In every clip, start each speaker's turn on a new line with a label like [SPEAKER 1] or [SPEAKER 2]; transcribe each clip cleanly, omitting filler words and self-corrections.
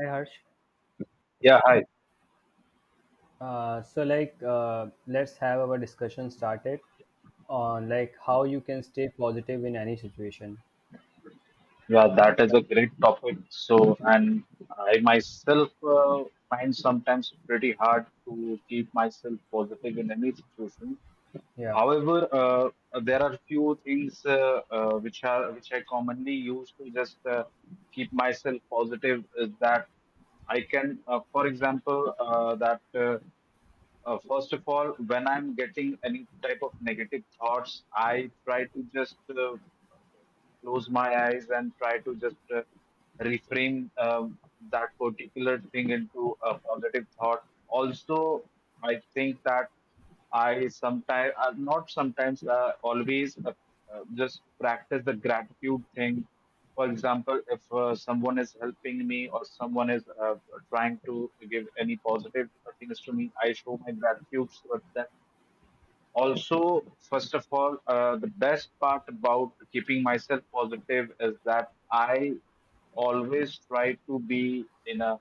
[SPEAKER 1] Hi Harsh.
[SPEAKER 2] Yeah, hi.
[SPEAKER 1] Let's have our discussion started on like how you can stay positive in any situation.
[SPEAKER 2] Yeah, that is
[SPEAKER 1] Like,
[SPEAKER 2] a great topic. So, and I myself uh, find sometimes pretty hard to keep myself positive in any situation.
[SPEAKER 1] yeah,
[SPEAKER 2] However, there are few things which I commonly use to just keep myself positive is that I can, for example, that first of all, when I'm getting any type of negative thoughts, I try to just close my eyes and try to just reframe that particular thing into a positive thought. Also, I think that. I sometimes, not sometimes, always just practice the gratitude thing. For example, if someone is helping me or someone is trying to give any positive things to me, I show my gratitude with them also. First of all, the best part about keeping myself positive is that I always try to be in a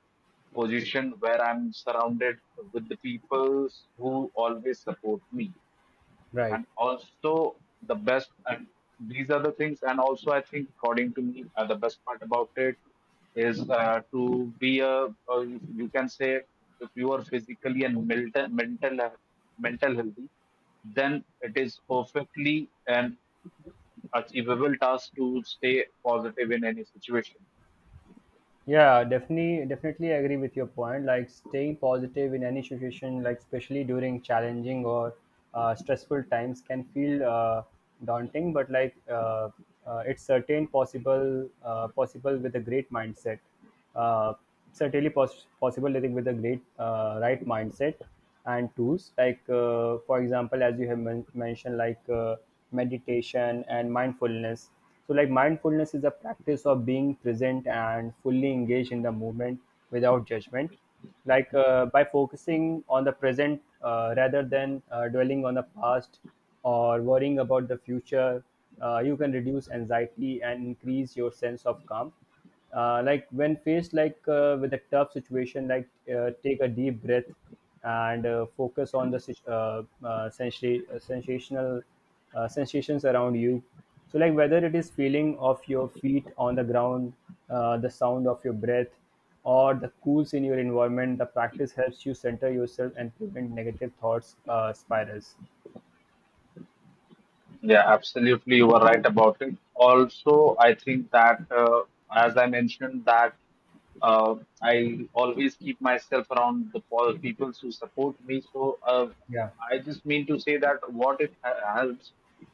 [SPEAKER 2] position where I'm surrounded with the people who always support me.
[SPEAKER 1] right.
[SPEAKER 2] And also the best and these are the things, and also I think according to me, the best part about it is to be a, or you can say, if you are physically and mental healthy, then it is perfectly an achievable task to stay positive in any situation.
[SPEAKER 1] Yeah, definitely, definitely agree with your point. Like staying positive in any situation, like especially during challenging or stressful times, can feel daunting. It's possible with a great mindset. uh, Certainly possible, I think, with a great right mindset and tools like, for example, as you have mentioned, like meditation and mindfulness. So like, mindfulness is a practice of being present and fully engaged in the moment without judgment. Like by focusing on the present rather than dwelling on the past or worrying about the future, you can reduce anxiety and increase your sense of calm. Like when faced, like with a tough situation, like take a deep breath and focus on the sit- sensa- sensational sensations around you. So like, whether it is feeling of your feet on the ground, the sound of your breath, or the cools in your environment, the practice helps you center yourself and prevent negative thoughts spirals.
[SPEAKER 2] Yeah, absolutely. You were right about it. Also, I think that, as I mentioned, that uh, I always keep myself around the people who support me. So
[SPEAKER 1] Yeah,
[SPEAKER 2] I just mean to say that what it helps,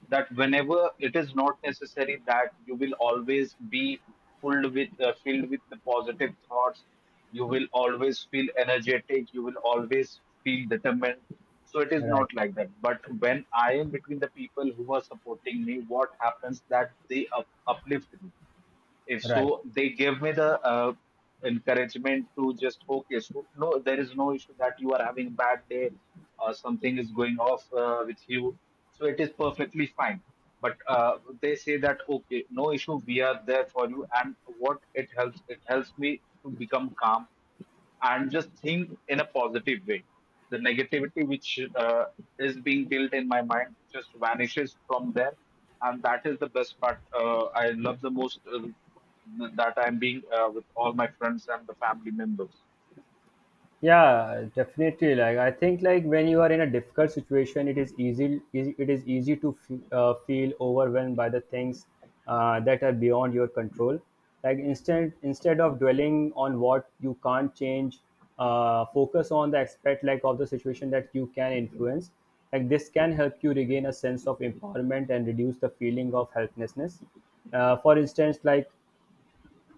[SPEAKER 2] that whenever, it is not necessary that you will always be filled with the positive thoughts. You will always feel energetic. You will always feel determined. So it is not
[SPEAKER 1] right,
[SPEAKER 2] like that. But when I am between the people who are supporting me, what happens that they uplift me. If
[SPEAKER 1] right.
[SPEAKER 2] so, they give me the encouragement to just okay. So no, there is no issue that you are having a bad day or something is going off with you. So it is perfectly fine. But they say that okay, no issue. We are there for you, and what it helps me to become calm and just think in a positive way. The negativity which is being built in my mind just vanishes from there, and that is the best part. I love the most that I'm being with all my friends and the family members.
[SPEAKER 1] Yeah, definitely. Like, I think, like when you are in a difficult situation, it is it is easy to feel overwhelmed by the things that are beyond your control. Like, instead of dwelling on what you can't change, focus on the aspect, like, of the situation that you can influence. Like, this can help you regain a sense of empowerment and reduce the feeling of helplessness. For instance, like,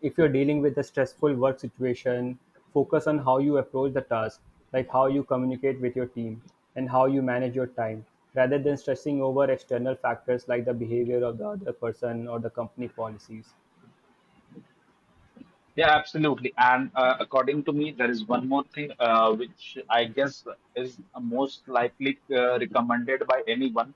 [SPEAKER 1] if you're dealing with a stressful work situation, focus on how you approach the task, like how you communicate with your team and how you manage your time, rather than stressing over external factors like the behavior of the other person or the company policies.
[SPEAKER 2] Yeah, absolutely. And according to me, there is one more thing which I guess is most likely recommended by anyone,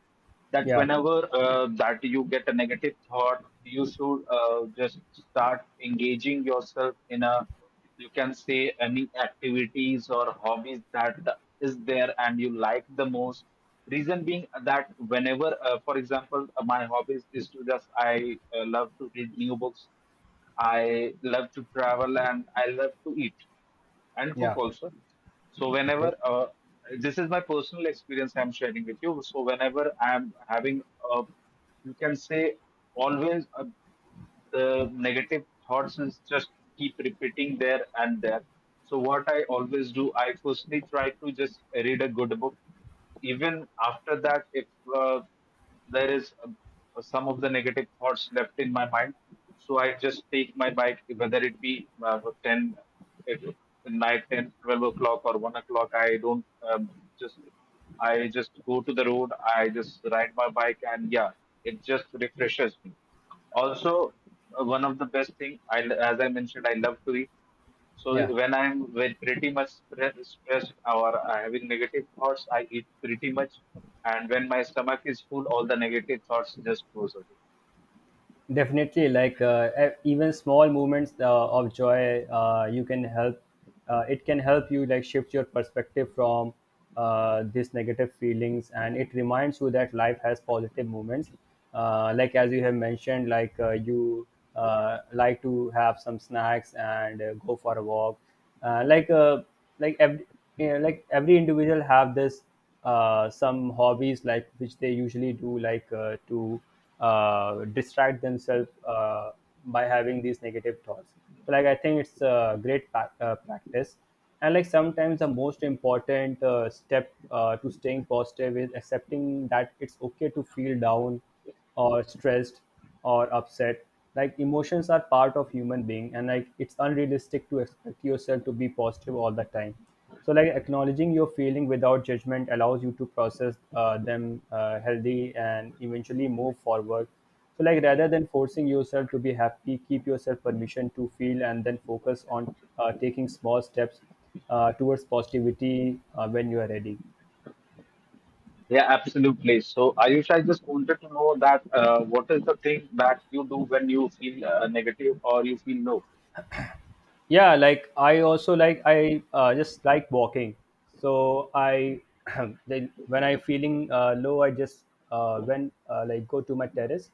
[SPEAKER 2] that
[SPEAKER 1] Yeah,
[SPEAKER 2] whenever, that you get a negative thought, you should just start engaging yourself in a, you can say, any activities or hobbies that is there and you like the most. Reason being that whenever, for example, my hobbies is to just, I love to read new books, I love to travel and I love to eat and cook
[SPEAKER 1] yeah,
[SPEAKER 2] also. So
[SPEAKER 1] okay,
[SPEAKER 2] whenever this is my personal experience I'm sharing with you. So whenever I'm having a, you can say, always a, the negative thoughts is just keep repeating there and there. So what I always do, I firstly try to just read a good book. Even after that, if uh, there is some of the negative thoughts left in my mind. So I just take my bike, whether it be uh, 10, it, night 10, 12 o'clock or 1 o'clock. I don't um, just, I just go to the road. I just ride my bike and yeah, it just refreshes me. Also, one of the best thing I, as I mentioned, I love to eat. So
[SPEAKER 1] yeah.
[SPEAKER 2] when I'm when pretty much stressed or having negative thoughts, I eat pretty much, and when my stomach is full, all the negative thoughts just goes away.
[SPEAKER 1] Definitely. Like e- even small moments of joy, you can help. It can help you, like, shift your perspective from these negative feelings, and it reminds you that life has positive moments. Like, as you have mentioned, like you like to have some snacks and go for a walk. Uh, like uh, like every, you know, like every individual have this some hobbies like which they usually do, like to distract themselves by having these negative thoughts. So like, I think it's a great practice. And like, sometimes the most important step to staying positive is accepting that it's okay to feel down or stressed or upset. Like, emotions are part of human being, and like it's unrealistic to expect yourself to be positive all the time. So like, acknowledging your feeling without judgment allows you to process them healthy and eventually move forward. So like, rather than forcing yourself to be happy, keep yourself permission to feel, and then focus on taking small steps towards positivity when you are ready.
[SPEAKER 2] Yeah, absolutely. So Ayush, I just wanted to know that, what is the thing that you do when you feel negative or you feel low?
[SPEAKER 1] Yeah, like I also, like I just like walking. So I then when I feeling low, I just when like go to my terrace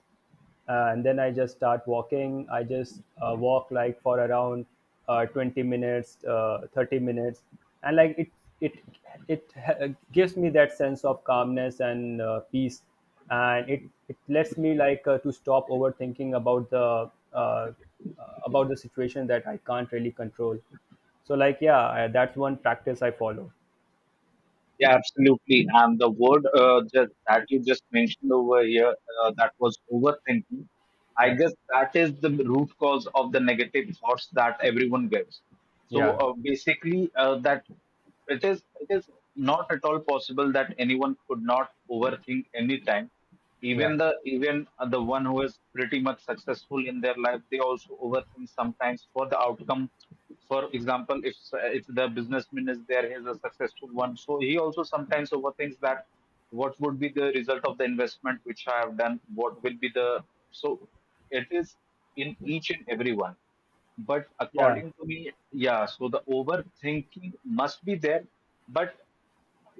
[SPEAKER 1] and then I just start walking. I just walk like for around 20 minutes, 30 minutes. And like it it gives me that sense of calmness and peace. And it lets me, like, to stop overthinking about the situation that I can't really control. So like, yeah, that's one practice I follow.
[SPEAKER 2] Yeah, absolutely. And the word just, that you just mentioned over here, that was overthinking. I
[SPEAKER 1] Yeah,
[SPEAKER 2] guess that is the root cause of the negative thoughts that everyone gets. So
[SPEAKER 1] yeah,
[SPEAKER 2] basically, that it is not at all possible that anyone could not overthink anytime,
[SPEAKER 1] yeah,
[SPEAKER 2] even the one who is pretty much successful in their life, they also overthink sometimes for the outcome. For example, if the businessman is there, he's a successful one, so he also sometimes overthinks that what would be the result of the investment which I have done, what will be the, so it is in each and every one. But
[SPEAKER 1] yeah.
[SPEAKER 2] according to me, yeah, so the overthinking must be there, but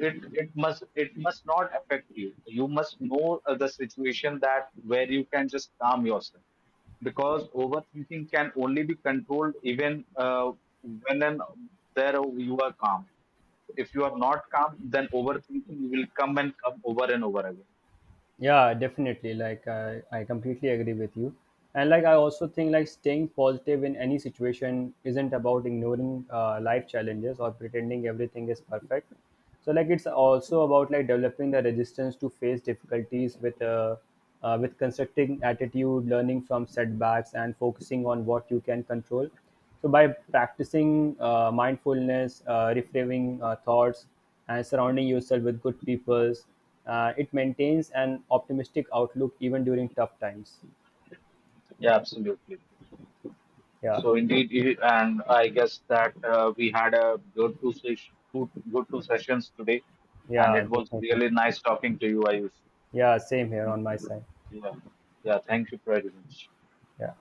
[SPEAKER 2] it must not affect you. You must know the situation, that where you can just calm yourself, because overthinking can only be controlled even when and there you are calm. If you are not calm, then overthinking will come and come over and over again.
[SPEAKER 1] Yeah, definitely. Like I completely agree with you. And like, I also think, like staying positive in any situation isn't about ignoring life challenges or pretending everything is perfect. So like, it's also about, like, developing the resistance to face difficulties with constructing attitude, learning from setbacks, and focusing on what you can control. So by practicing mindfulness, reframing thoughts and surrounding yourself with good people. It maintains an optimistic outlook even during tough times.
[SPEAKER 2] Yeah, absolutely. So
[SPEAKER 1] Yeah,
[SPEAKER 2] indeed, and I guess that we had a good two good two sessions today, and it
[SPEAKER 1] yeah,
[SPEAKER 2] was
[SPEAKER 1] definitely.
[SPEAKER 2] really nice talking to you, Ayush.
[SPEAKER 1] Yeah, same here on my side.
[SPEAKER 2] Yeah. Yeah. Thank
[SPEAKER 1] Okay,
[SPEAKER 2] you very much.
[SPEAKER 1] yeah.